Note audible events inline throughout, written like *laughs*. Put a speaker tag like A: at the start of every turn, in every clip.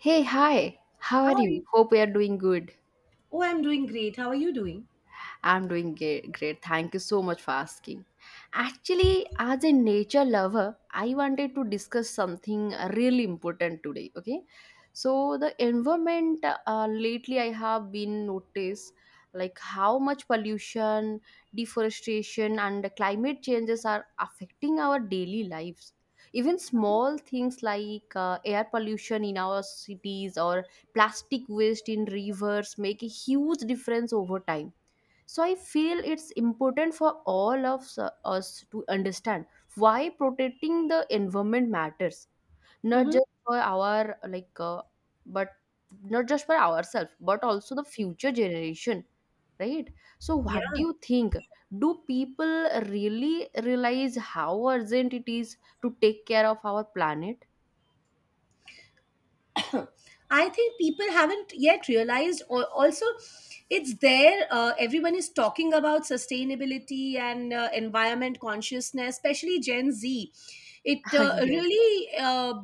A: Hey, hi. How are
B: Hi.
A: you? Hope you are doing good.
B: Oh, I'm doing great. How are you doing?
A: I'm doing great. Thank you so much for asking. Actually, as a nature lover, I wanted to discuss something really important today. Okay, so the environment lately I have been noticed like how much pollution, deforestation, and climate changes are affecting our daily lives. Even small things like air pollution in our cities or plastic waste in rivers make a huge difference over time, so I feel it's important for all of us to understand why protecting the environment matters, not
B: Mm-hmm.
A: just for our like but not just for ourselves but also the future generation, right? So what
B: Yeah.
A: do you think, do people really realize how urgent it is to take care of our planet?
B: *clears throat* I think people haven't yet realized, or also, it's there. Everyone is talking about sustainability and environment consciousness, especially Gen Z. It
A: *laughs*
B: uh,
A: Yes.
B: really. Uh,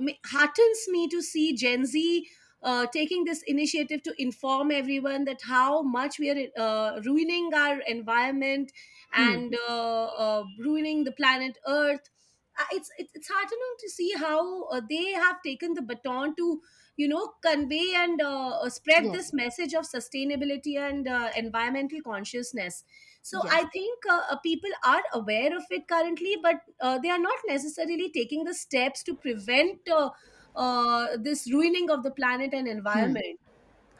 B: Heartens me to see Gen Z taking this initiative to inform everyone that how much we are ruining our environment
A: Hmm.
B: and ruining the planet Earth. It's heartening to see how they have taken the baton to convey and spread
A: Yes,
B: this message of sustainability and environmental consciousness. So I
A: yes,
B: think people are aware of it currently, but they are not necessarily taking the steps to prevent this ruining of the planet and
A: hmm.
B: environment.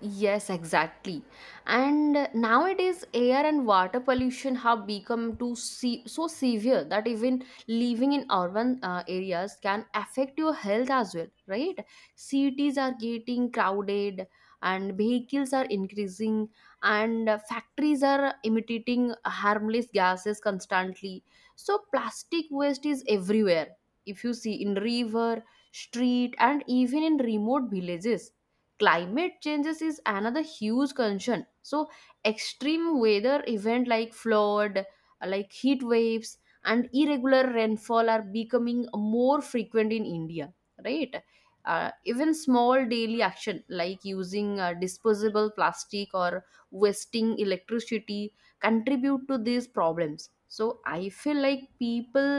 A: Yes, exactly. And nowadays, air and water pollution have become too so severe that even living in urban areas can affect your health as well, right? Cities are getting crowded, and vehicles are increasing, and factories are emitting harmless gases constantly. So, plastic waste is everywhere. If you see in river, street, and even in remote villages, climate changes is another huge concern. So extreme weather event like flood like heat waves and irregular rainfall are becoming more frequent in India, right? Even small daily action like using disposable plastic or wasting electricity contribute to these problems. So I feel like people,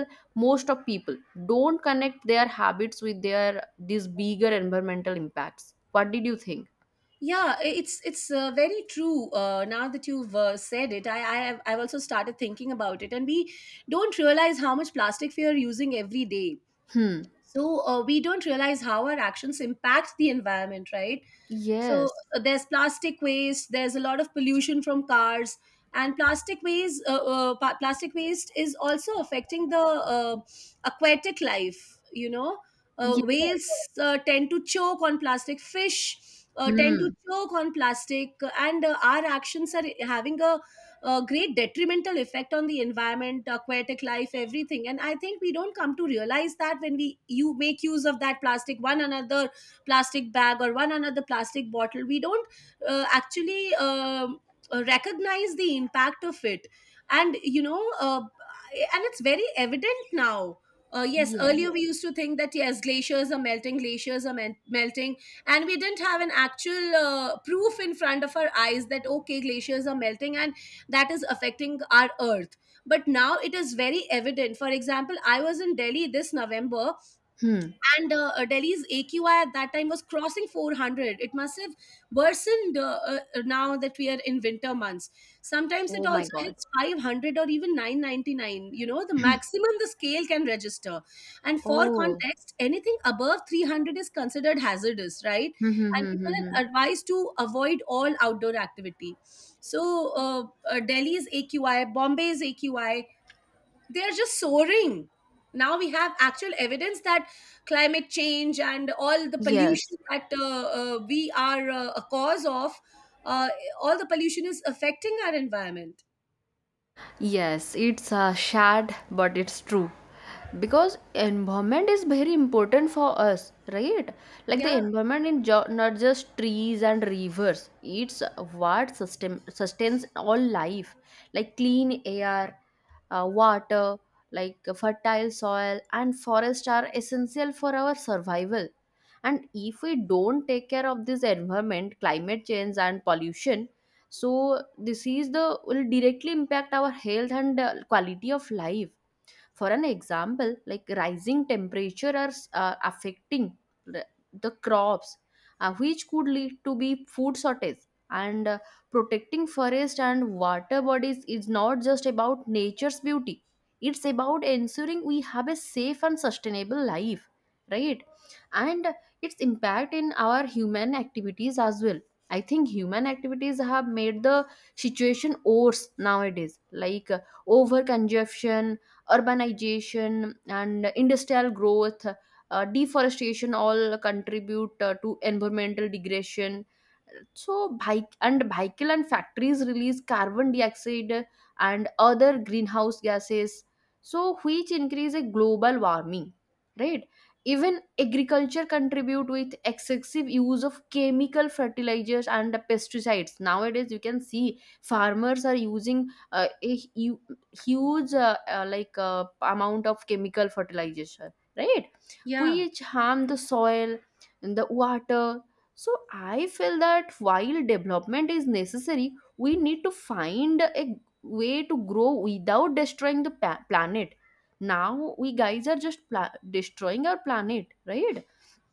A: most of people don't connect their habits with their these bigger environmental impacts. What did you think?
B: It's very true. Now that you've said it, I've also started thinking about it, and we don't realize how much plastic we are using every day.
A: Hmm.
B: So we don't realize how our actions impact the environment, right? So
A: Yes,
B: there's plastic waste. There's a lot of pollution from cars, and plastic waste. Plastic waste is also affecting the aquatic life. You know,
A: yeah.
B: whales tend to choke on plastic. Fish tend to
A: Hmm,
B: choke on plastic, and our actions are having a great detrimental effect on the environment, aquatic life, everything. And I think we don't come to realize that when we you make use of that plastic, one another plastic bag or one another plastic bottle, we don't actually recognize the impact of it. And and it's very evident now. Yes,
A: yes,
B: earlier we used to think that yes, glaciers are melting, melting, and we didn't have an actual proof in front of our eyes that okay, glaciers are melting and that is affecting our earth. But now it is very evident. For example, I was in Delhi this November,
A: hmm.
B: and Delhi's AQI at that time was crossing 400. It must have worsened, now that we are in winter months. Sometimes it
A: Oh my
B: also
A: God.
B: hits 500 or even 999. You know, the
A: *clears throat*
B: maximum the scale can register. And for
A: Oh.
B: context, anything above 300 is considered hazardous, right?
A: Hmm, hmm,
B: And
A: hmm,
B: people
A: hmm, hmm.
B: are advised to avoid all outdoor activity. So Delhi's AQI, Bombay's AQI, they're just soaring. Now we have actual evidence that climate change and all the
A: Yes.
B: pollution that we are a cause of, uh, all the pollution is affecting our environment.
A: Yes, it's sad, but it's true. Because environment is very important for us, right? Like
B: yeah
A: the environment not just trees and rivers. It's what sustains all life, like clean air, water, like fertile soil, and forest are essential for our survival. And if we don't take care of this environment, climate change and pollution, so disease the will directly impact our health and quality of life. For an example, like rising temperature are affecting the the crops, which could lead to be food shortage. And protecting forest and water bodies is not just about nature's beauty, it's about ensuring we have a safe and sustainable life, right? And its impact in our human activities as well. I think human activities have made the situation worse nowadays, like over urbanization and industrial growth, deforestation all contribute to environmental degradation. So vehic- and vehicle and factories release carbon dioxide and other greenhouse gases, so which increase a global warming, right? Even agriculture contribute with excessive use of chemical fertilizers and pesticides. Nowadays you can see farmers are using a, huge amount of chemical fertilizer, right?
B: yeah
A: Which harm the soil and the water. So I feel that while development is necessary, we need to find a way to grow without destroying the planet. Now we guys are just destroying our planet, right?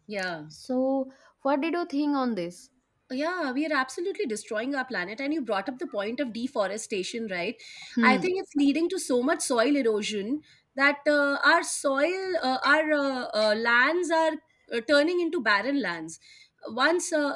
B: yeah
A: So what did you think on this?
B: Yeah, we are absolutely destroying our planet. And you brought up the point of deforestation, right? I
A: Hmm,
B: think it's leading to so much soil erosion that our soil, our lands are turning into barren lands. Once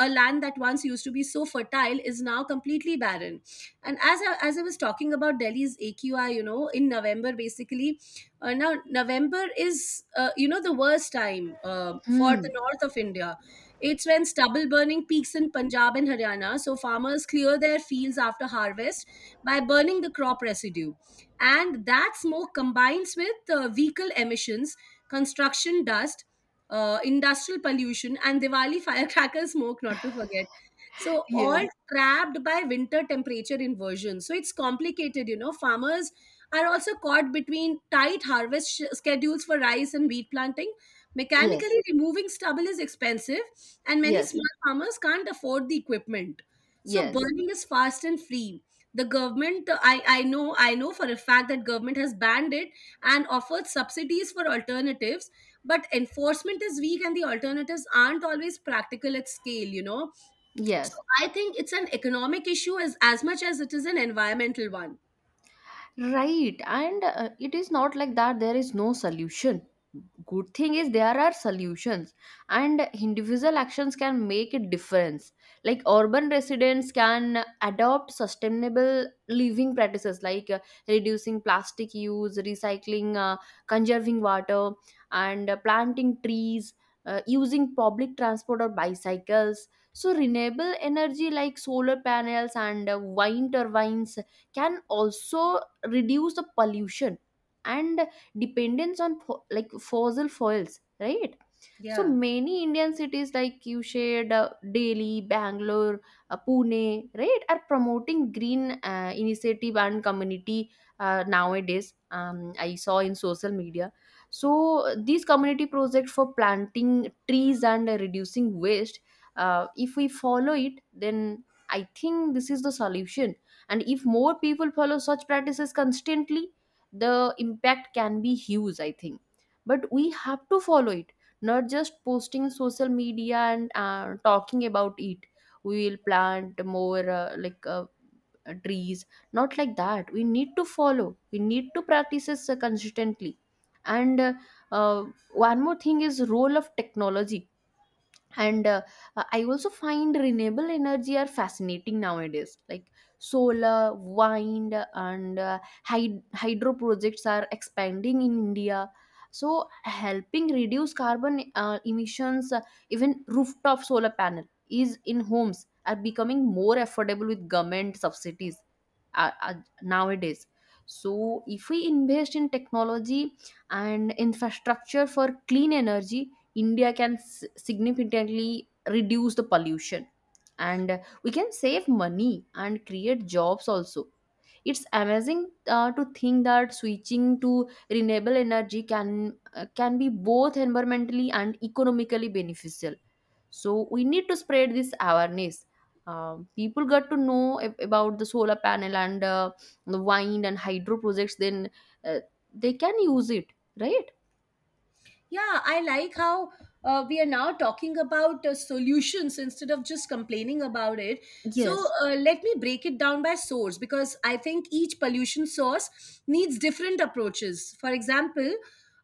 B: A land that once used to be so fertile is now completely barren. And as I was talking about Delhi's AQI, you know, in November, basically, now November is, you know, the worst time for
A: hmm.
B: the north of India. It's when stubble burning peaks in Punjab and Haryana, so farmers clear their fields after harvest by burning the crop residue. And that smoke combines with vehicle emissions, construction dust, industrial pollution, and Diwali firecracker smoke, not to forget. So,
A: Yes,
B: all trapped by winter temperature inversion. So, it's complicated, you know. Farmers are also caught between tight schedules for rice and wheat planting.
A: yes,
B: Mechanically removing stubble is expensive, and many
A: yes,
B: small farmers can't afford the equipment, so
A: yes,
B: burning is fast and free. The government, I know for a fact that government has banned it and offered subsidies for alternatives, but enforcement is weak and the alternatives aren't always practical at scale, you know. So
A: yes.
B: I think it's an economic issue as much as it is an environmental one.
A: Right, and it is not like that there is no solution. Good thing is there are solutions, and individual actions can make a difference. Like urban residents can adopt sustainable living practices like reducing plastic use, recycling, conserving water, and planting trees, using public transport or bicycles. So, renewable energy like solar panels and wind turbines can also reduce the pollution and dependence on like fossil fuels, right? So
B: yeah
A: many Indian cities, like you shared, Delhi, Bangalore, Pune, right, are promoting green initiative and community. Nowadays, I saw in social media, so these community projects for planting trees and reducing waste. If we follow it, then I think this is the solution. And if more people follow such practices constantly, the impact can be huge, I think. But we have to follow it, not just posting in social media and talking about it, we will plant more trees. Not like that, we need to follow, we need to practice this consistently. And uh, one more thing is role of technology. And I also find renewable energy are fascinating nowadays, like solar, wind, and hydro projects are expanding in India, so helping reduce carbon emissions. Even rooftop solar panel is in homes are becoming more affordable with government subsidies uh, uh, nowadays. So if we invest in technology and infrastructure for clean energy, India can significantly reduce the pollution, and we can save money and create jobs also. It's amazing to think that switching to renewable energy can be both environmentally and economically beneficial. So we need to spread this awareness. People got to know about the solar panel and the wind and hydro projects. Then uh, they can use it, right?
B: Yeah, I like how we are now talking about solutions instead of just complaining about it. So,
A: Yes.
B: let me break it down by source, because I think each pollution source needs different approaches. For example,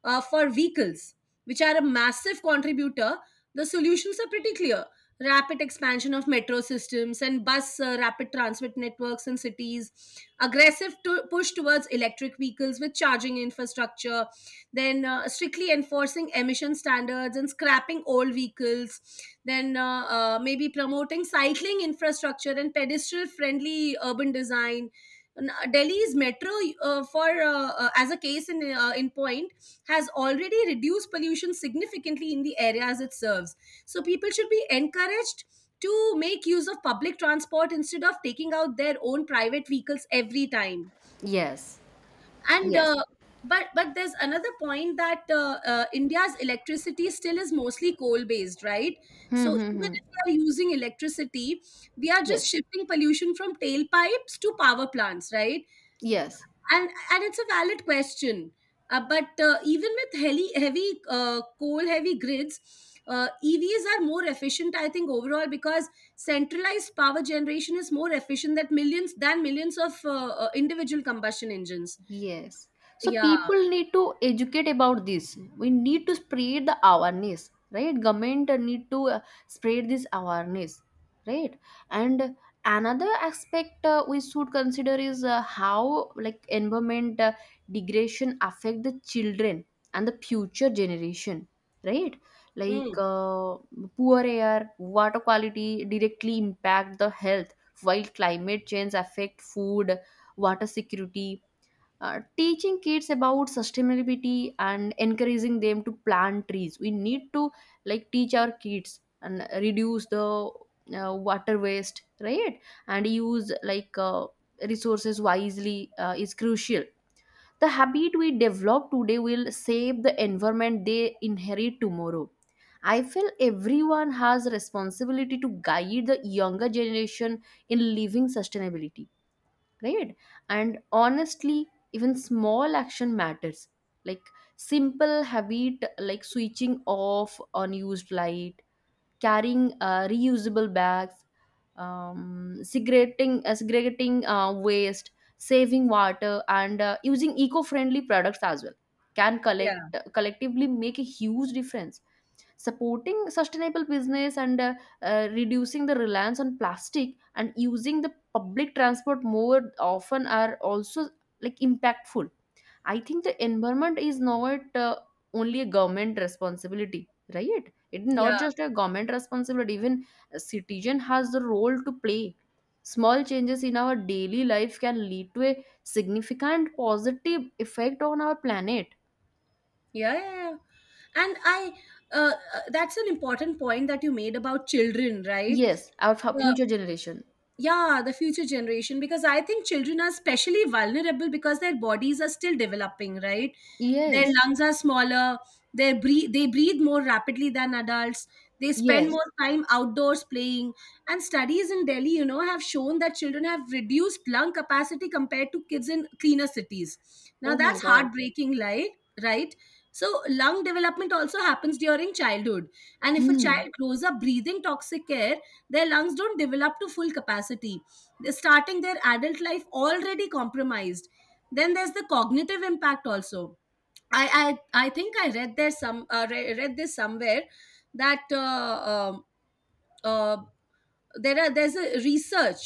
B: for vehicles, which are a massive contributor, the solutions are pretty clear. Rapid expansion of metro systems and bus rapid transit networks in cities, push towards electric vehicles with charging infrastructure, then strictly enforcing emission standards and scrapping old vehicles, then maybe promoting cycling infrastructure and pedestrian friendly urban design. Delhi's metro, for as a case in point, has already reduced pollution significantly in the areas it serves. So people should be encouraged to make use of public transport instead of taking out their own private vehicles every time.
A: Yes.
B: And
A: Yes.
B: But there's another point that India's electricity still is mostly coal based right?
A: Hmm.
B: So
A: Hmm.
B: even
A: Hmm.
B: if we are using electricity, we are just
A: Yes.
B: shifting pollution from tailpipes to power plants, right?
A: Yes.
B: And it's a valid question. But even with heavy heavy coal heavy grids, EVs are more efficient, I think, overall, because centralized power generation is more efficient than millions of individual combustion engines.
A: Yes. So
B: Yeah,
A: people need to educate about this. We need to spread the awareness, right? Government need to spread this awareness, right? And another aspect we should consider is how like environment degradation affect the children and the future generation, right? Like
B: Mm,
A: poor air, water quality directly impact the health, while climate change affect food, water security. Teaching kids about sustainability and encouraging them to plant trees, we need to like teach our kids and reduce the water waste, right? And use like resources wisely is crucial. The habit we develop today will save the environment they inherit tomorrow. I feel everyone has responsibility to guide the younger generation in living sustainability, right? And honestly, even small action matters, like simple habit like switching off unused light, carrying reusable bags, segregating segregating waste, saving water, and using eco-friendly products as well, can
B: yeah,
A: collectively make a huge difference. Supporting sustainable business and reducing the reliance on plastic and using the public transport more often are also like impactful. I think the environment is not only a government responsibility, right? It's
B: yeah,
A: not just a government responsibility, even a citizen has the role to play. Small changes in our daily life can lead to a significant positive effect on our planet.
B: yeah. And that's an important point that you made about children, right?
A: Yes, our
B: Uh,
A: future generation.
B: yeah, the future generation, because I think children are especially vulnerable because their bodies are still developing, right? Their
A: Yes,
B: lungs are smaller, they breathe more rapidly than adults, they spend
A: yes.
B: more time outdoors playing, and studies in Delhi, you know, have shown that children have reduced lung capacity compared to kids in cleaner cities. Now
A: Oh my
B: that's
A: God.
B: heartbreaking, like, right? So lung development also happens during childhood, and if a
A: Hmm.
B: child grows up breathing toxic air, their lungs don't develop to full capacity. They're starting their adult life already compromised. Then there's the cognitive impact also. I think I read there some read this somewhere, that uh, there's a research,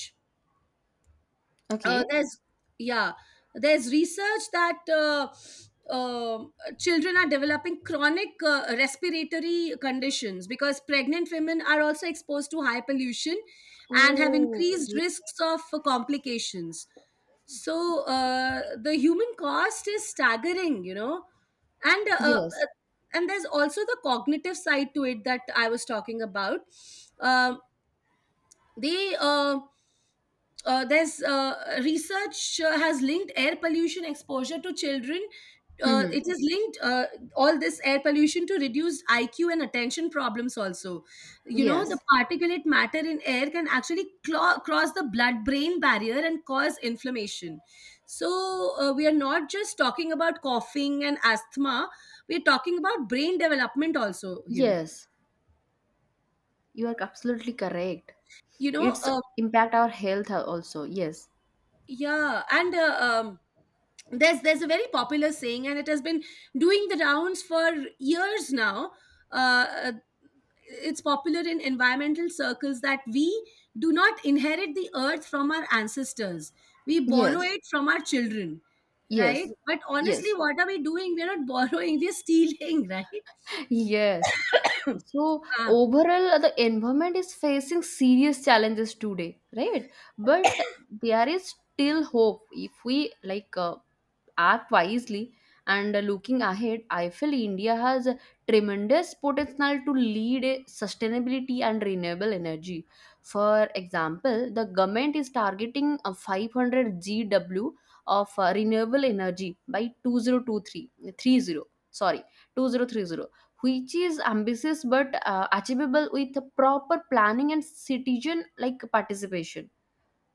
B: uh,
A: Okay.
B: there's yeah there's research that uh, children are developing chronic respiratory conditions, because pregnant women are also exposed to high pollution and have increased
A: Okay.
B: risks of complications. So the human cost is staggering, you know. and uh, uh,
A: Yes.
B: and there's also the cognitive side to it that I was talking about. Um they uh, there's Research has linked air pollution exposure to children.
A: Hmm.
B: It is linked All this air pollution to reduced IQ and attention problems. Also, you know, the
A: Yes.
B: particulate matter in air can actually cross the blood-brain barrier and cause inflammation. So we are not just talking about coughing and asthma. We are talking about brain development also here.
A: Yes. You are absolutely correct.
B: You know,
A: It's
B: uh,
A: impact our health also. Yes.
B: Yeah, and there's a very popular saying, and it has been doing the rounds for years now. Uh, uh, it's popular in environmental circles that we do not inherit the earth from our ancestors; we borrow
A: Yes.
B: it from our children, right?
A: Yes.
B: But honestly,
A: Yes.
B: what are we doing? We're not *laughs* borrowing; we're stealing, right?
A: *laughs* Yes. So
B: *clears throat* ah, I
A: overall, the environment is facing serious challenges today, right? But there is still hope if we like act wisely. And looking ahead, I feel India has a tremendous potential to lead a sustainability and renewable energy. For example, the government is targeting a 500 GW of renewable energy by 2023 30 sorry, 2030, which is ambitious but achievable with proper planning and citizen like participation.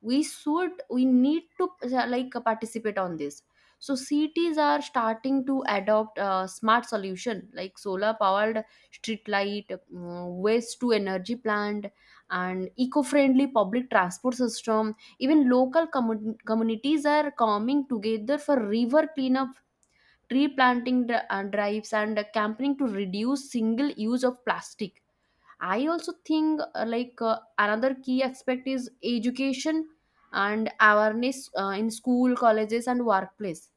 A: We need to participate on this. So cities are starting to adopt smart solution like solar powered street light, waste to energy plant, and eco-friendly public transport system. Even local communities are coming together for river cleanup, tree planting drives, and campaigning to reduce single use of plastic. I also think another key aspect is education and awareness in school, colleges, and workplace.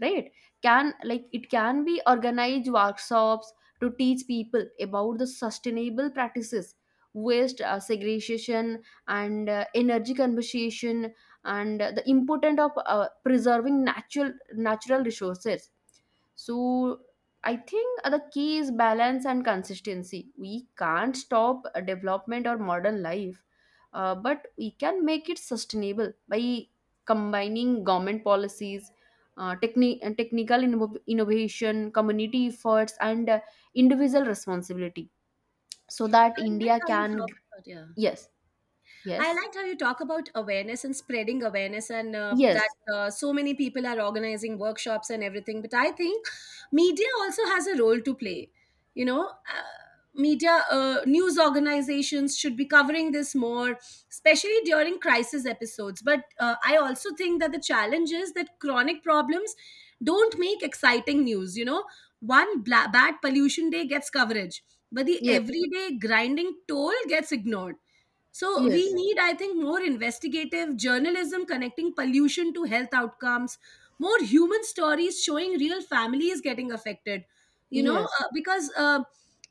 A: Right? Can like it can be organized workshops to teach people about the sustainable practices, waste segregation, and energy conservation, and the importance of preserving natural resources. So I think the key is balance and consistency. We can't stop a development or modern life, but we can make it sustainable by combining government policies, techni- and technical innovation, community efforts, and individual responsibility, so that
B: like
A: India
B: how you
A: can.
B: talk about yeah.
A: Yes,
B: I
A: yes,
B: liked how you talk about awareness and spreading awareness, and that
A: yes,
B: so many people are organizing workshops and everything. But I think media also has a role to play. You know, uh, Media, news organizations should be covering this more, especially during crisis episodes. But I also think that the challenge is that chronic problems don't make exciting news. You know, bad pollution day gets coverage, but the
A: yes,
B: everyday grinding toll gets ignored. So we
A: yes,
B: need, I think, more investigative journalism connecting pollution to health outcomes, more human stories showing real families getting affected. You know,
A: yes,
B: uh, because uh,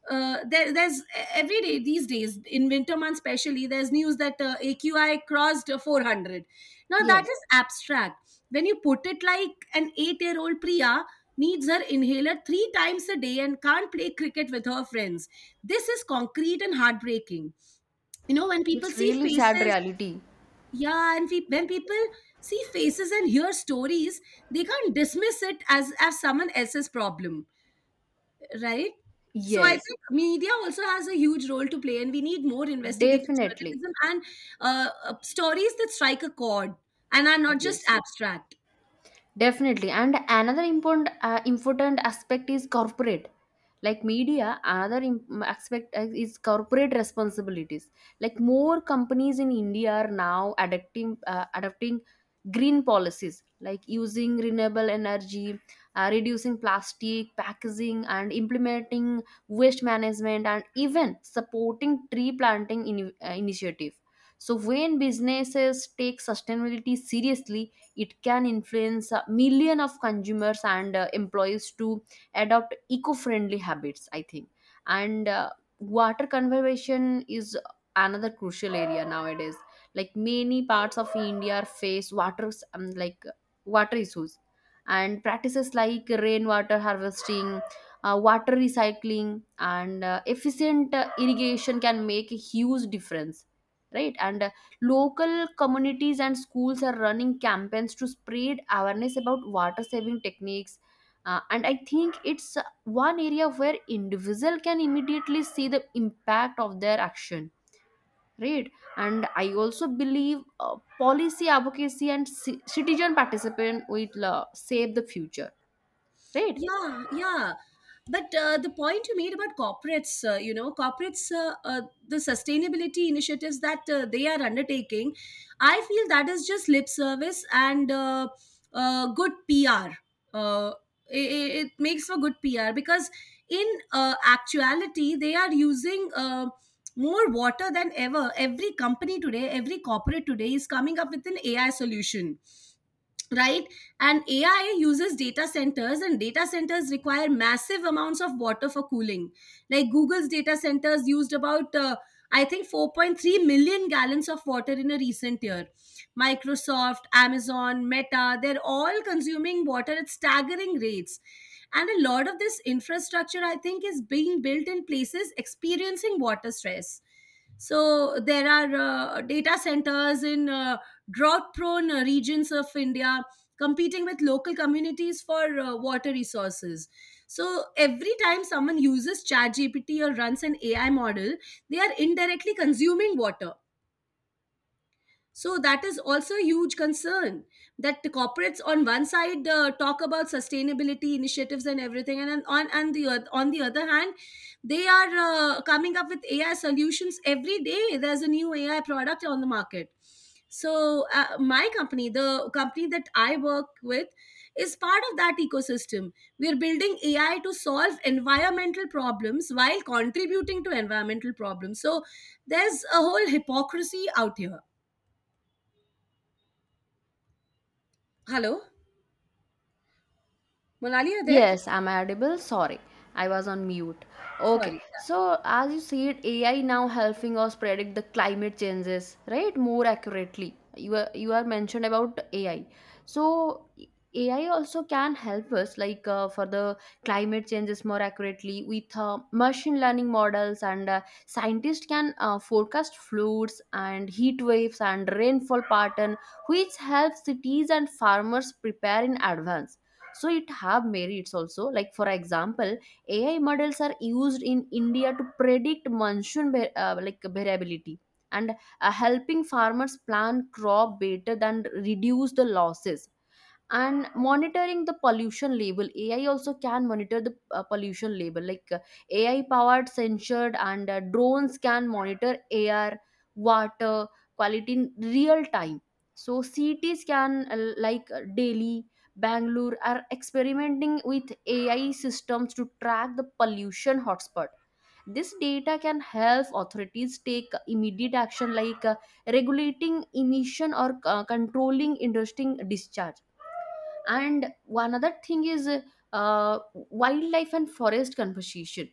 B: there's every day these days in winter months, especially, there's news that AQI crossed 400. Now that
A: yes.
B: is abstract. When you put it like an 8-year-old Priya needs her inhaler 3 times a day and can't play cricket with her friends, this is concrete and heartbreaking. You know, when people
A: It's
B: see
A: really sad
B: faces,
A: reality.
B: yeah, and when people see faces and hear stories, they can't dismiss it as someone else's problem, right? So I
A: Yes,
B: think media also has a huge role to play, and we need more investigative
A: definitely.
B: journalism and stories that strike a chord and are not just
A: Yes.
B: abstract.
A: Definitely. And another important aspect is corporate. Like media, another aspect is corporate responsibilities. Like more companies in India are now adapting adopting green policies, like using renewable energy, reducing plastic packaging, and implementing waste management, and even supporting tree planting in, initiative. So when businesses take sustainability seriously, it can influence a million of consumers and employees to adopt eco-friendly habits, I think. And water conservation is another crucial area nowadays. Like many parts of India face water, um, like water issues, and practices like rainwater harvesting, water recycling, and efficient irrigation can make a huge difference, right? And local communities and schools are running campaigns to spread awareness about water saving techniques. And I think it's one area where individual can immediately see the impact of their action, right? And I also believe policy advocacy and citizen participation will save the future, right?
B: Yeah, yeah. But the point you made about corporates, corporates, the sustainability initiatives that they are undertaking, I feel that is just lip service and good PR. Uh, it makes for good PR because, in actuality, they are using more water than ever. Every company today, every corporate today is coming up with an AI solution, right? And AI uses data centers, and data centers require massive amounts of water for cooling. Like Google's data centers used about I think 4.3 million gallons of water in a recent year. Microsoft, Amazon, Meta, they're all consuming water at staggering rates. And a lot of this infrastructure, I think, is being built in places experiencing water stress. So there are data centers in drought-prone regions of India competing with local communities for water resources. So every time someone uses ChatGPT or runs an AI model, they are indirectly consuming water. So that is also a huge concern, that the corporates on one side talk about sustainability initiatives and everything, and on the other hand, they are coming up with AI solutions every day. There's a new AI product on the market. So my company, the company that I work with, is part of that ecosystem. We are building AI to solve environmental problems while contributing to environmental problems. So there's a whole hypocrisy out here. Hello, Monali, are there?
A: Yes, I'm audible. Sorry, I was on mute. Okay,
B: Sorry.
A: so as you said, AI now helping us predict the climate changes, right? More accurately. You are mentioned about AI. So AI also can help us, like for the climate changes more accurately with machine learning models, and scientists can forecast floods and heat waves and rainfall pattern, which helps cities and farmers prepare in advance, so it have merits also, like for example AI models are used in India to predict monsoon like variability and helping farmers plan crop better than reduce the losses. And monitoring the pollution label, AI also can monitor the pollution label, like AI powered censored and drones can monitor air, water quality in real time. So cities can, like Delhi, Bangalore are experimenting with AI systems to track the pollution hotspot. This data can help authorities take immediate action, like regulating emission or controlling interesting discharge. And one other thing is wildlife and forest conversation,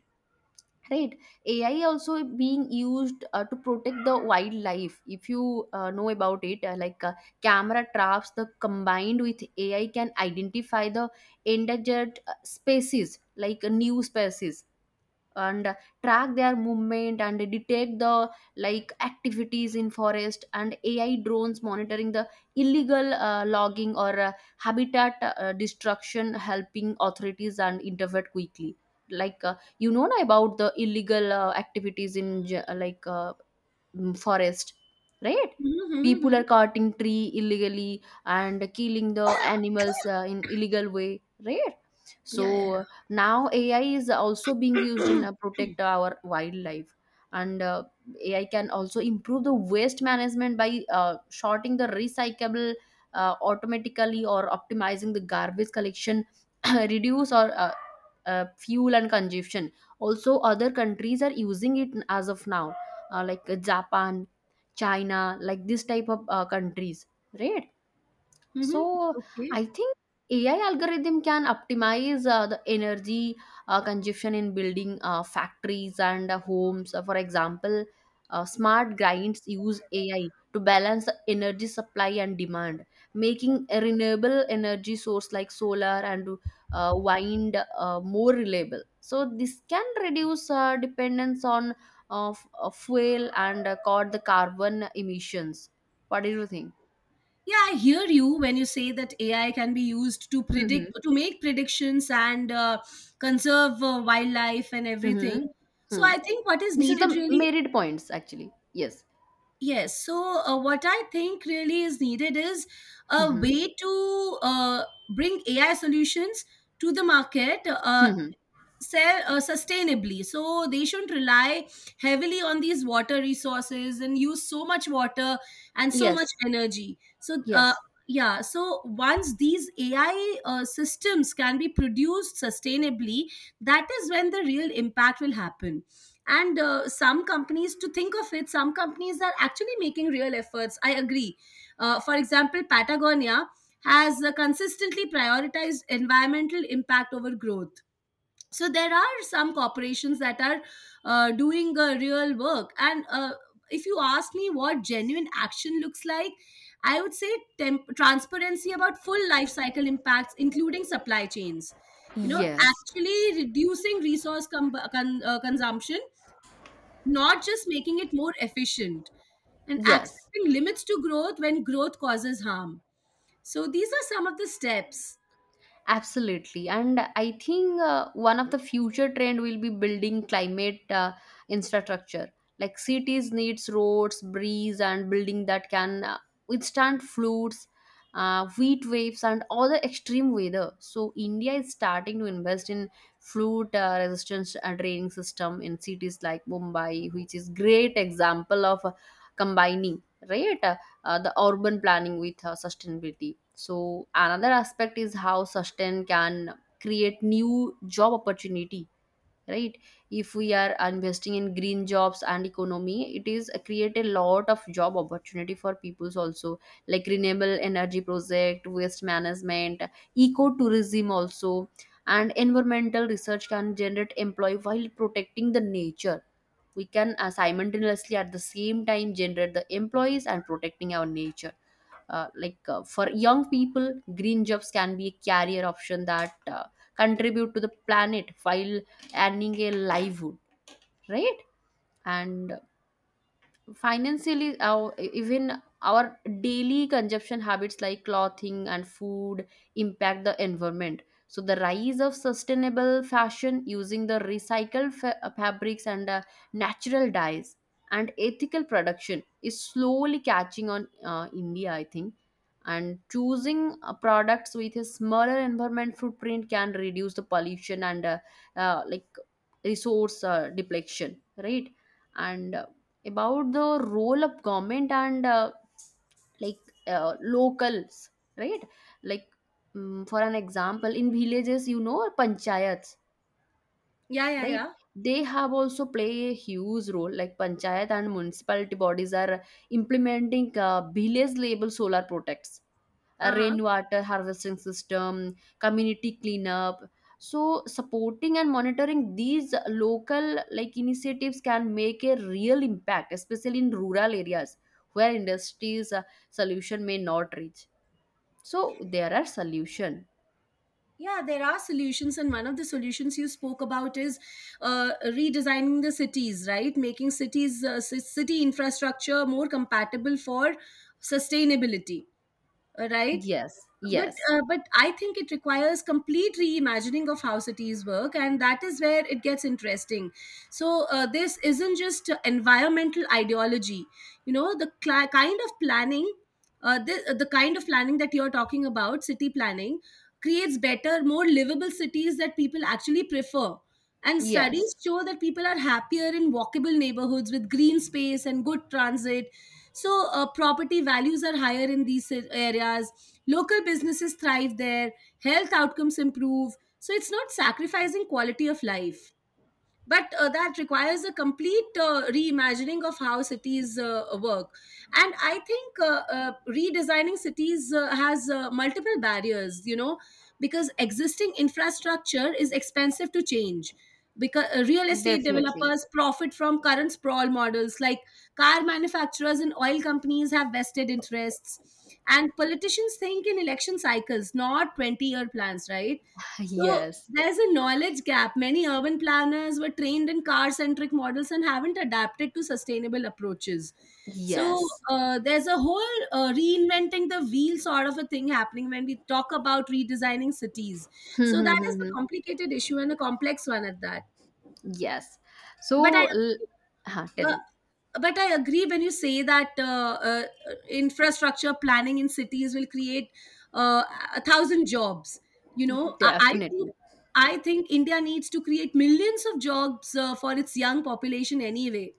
A: right? AI also being used to protect the wildlife, if you know about it, camera traps the combined with AI can identify the endangered species, like new species, and track their movement and detect the like activities in forest. And AI drones monitoring the illegal logging or habitat destruction, helping authorities and intervene quickly, like you know na about the illegal activities in forest, right? People
B: Yeah. Hmm.
A: are cutting tree illegally and killing the animals in illegal way, right?
B: Yeah, yeah.
A: So now AI is also being used in protect our wildlife. And AI can also improve the waste management by shorting the recyclable automatically or optimizing the garbage collection. *clears throat* Reduce or fuel and consumption. Also other countries are using it as of now, like Japan, China, like this type of countries, right?
B: Mm-hmm. *clears throat*
A: So
B: Okay.
A: I think AI algorithm can optimize the energy consumption in building factories and homes. For example, smart grinds use AI to balance the energy supply and demand, making a renewable energy source like solar and wind more reliable. So this can reduce dependence on fuel and cut the carbon emissions. What do you think?
B: Yeah, I hear you when you say that AI can be used to predict,
A: *laughs*
B: to make predictions and conserve wildlife and everything.
A: Mm-hmm.
B: So
A: Hmm.
B: I think what is
A: This is
B: needed
A: the
B: really,
A: merit points actually. Yes.
B: yes. So what I think really is needed is a
A: Mm-hmm.
B: way to bring AI solutions to the market.
A: Mm-hmm.
B: Sell sustainably, so they shouldn't rely heavily on these water resources and use so much water and so
A: Yes.
B: much energy. So
A: Yes.
B: yeah, so once these AI systems can be produced sustainably, that is when the real impact will happen. And some companies, to think of it, some companies are actually making real efforts, I agree. Uh, for example, Patagonia has consistently prioritized environmental impact over growth. So there are some corporations that are doing real work. And if you ask me what genuine action looks like, I would say transparency about full life cycle impacts, including supply chains, you know,
A: Yes.
B: actually reducing resource consumption, not just making it more efficient, and
A: Yes.
B: accepting limits to growth when growth causes harm. So these are some of the steps.
A: Absolutely. And I think one of the future trend will be building climate infrastructure. Like cities needs roads, breeze, and building that can withstand floods, heat waves, and all the extreme weather. So India is starting to invest in flood resistance draining system in cities like Mumbai, which is great example of combining right the urban planning with sustainability. So another aspect is how sustain can create new job opportunity, right? If we are investing in green jobs and economy, it is create a lot of job opportunity for peoples also, like renewable energy project, waste management, ecotourism also, and environmental research can generate employee while protecting the nature. We can simultaneously at the same time generate the employees and protecting our nature, like for young people, green jobs can be a career option that contribute to the planet while earning a livelihood, right? And financially our even our daily consumption habits like clothing and food impact the environment. So the rise of sustainable fashion using the recycled fabrics and natural dyes and ethical production is slowly catching on India, I think. And choosing products with a smaller environment footprint can reduce the pollution and uh, like resource depletion, right? And about the role of government and like locals, right? Like for an example in villages, you know, panchayats,
B: Yeah, yeah,
A: right?
B: yeah.
A: They have also play a huge role. Like panchayat and municipality bodies are implementing village label solar projects,
B: Uh-huh.
A: rainwater harvesting system, community cleanup. So supporting and monitoring these local like initiatives can make a real impact, especially in rural areas where industries solution may not reach. So there are solution.
B: Yeah, there are solutions, and one of the solutions you spoke about is redesigning the cities, right? Making cities, city infrastructure more compatible for sustainability, right?
A: Yes,
B: But
A: yes,
B: but I think it requires complete reimagining of how cities work, and that is where it gets interesting. So this isn't just environmental ideology, you know, the cli kind of planning, the kind of planning that you're talking about, city planning, creates better, more livable cities that people actually prefer. And studies
A: yes,
B: show that people are happier in walkable neighborhoods with green space and good transit. So property values are higher in these areas. Local businesses thrive there, health outcomes improve. So it's not sacrificing quality of life, but that requires a complete reimagining of how cities work. And I think redesigning cities has multiple barriers, you know, because existing infrastructure is expensive to change, because real estate
A: definitely.
B: developers profit from current sprawl models, like car manufacturers and oil companies have vested interests, and politicians think in election cycles, not 20-year plans, right? So
A: Yes,
B: there's a knowledge gap. Many urban planners were trained in car centric models and haven't adapted to sustainable approaches. So
A: yes. *laughs*
B: there's a whole reinventing the wheel sort of a thing happening when we talk about redesigning cities.
A: Hmm,
B: So
A: hmm,
B: that is
A: hmm,
B: a
A: hmm.
B: complicated issue and a complex one at that.
A: Yes.
B: But I
A: So, l-
B: agree,
A: huh, tell me.
B: uh, but I agree when you say that infrastructure planning in cities will create uh, 1,000 jobs, you know,
A: Definitely.
B: I think India needs to create millions of jobs for its young population anyway.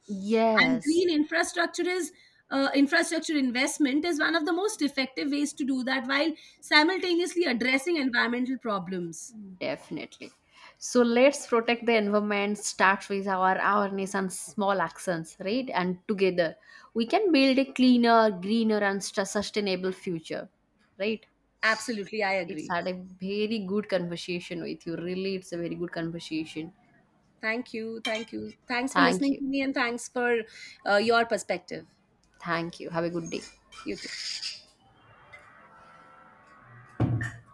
B: And
A: Yes.
B: green infrastructure is infrastructure investment is one of the most effective ways to do that while simultaneously addressing environmental problems.
A: Definitely. So let's protect the environment, start with our awareness and small actions, right? And together we can build a cleaner, greener, and sustainable future, right?
B: Absolutely, I
A: It's
B: agree.
A: had a very good conversation with you. Really, it's a very good conversation.
B: Thank you. Thank you. Thanks for
A: Thank
B: listening
A: you.
B: to me and thanks for your perspective.
A: Thank you. Have a good day.
B: YouTube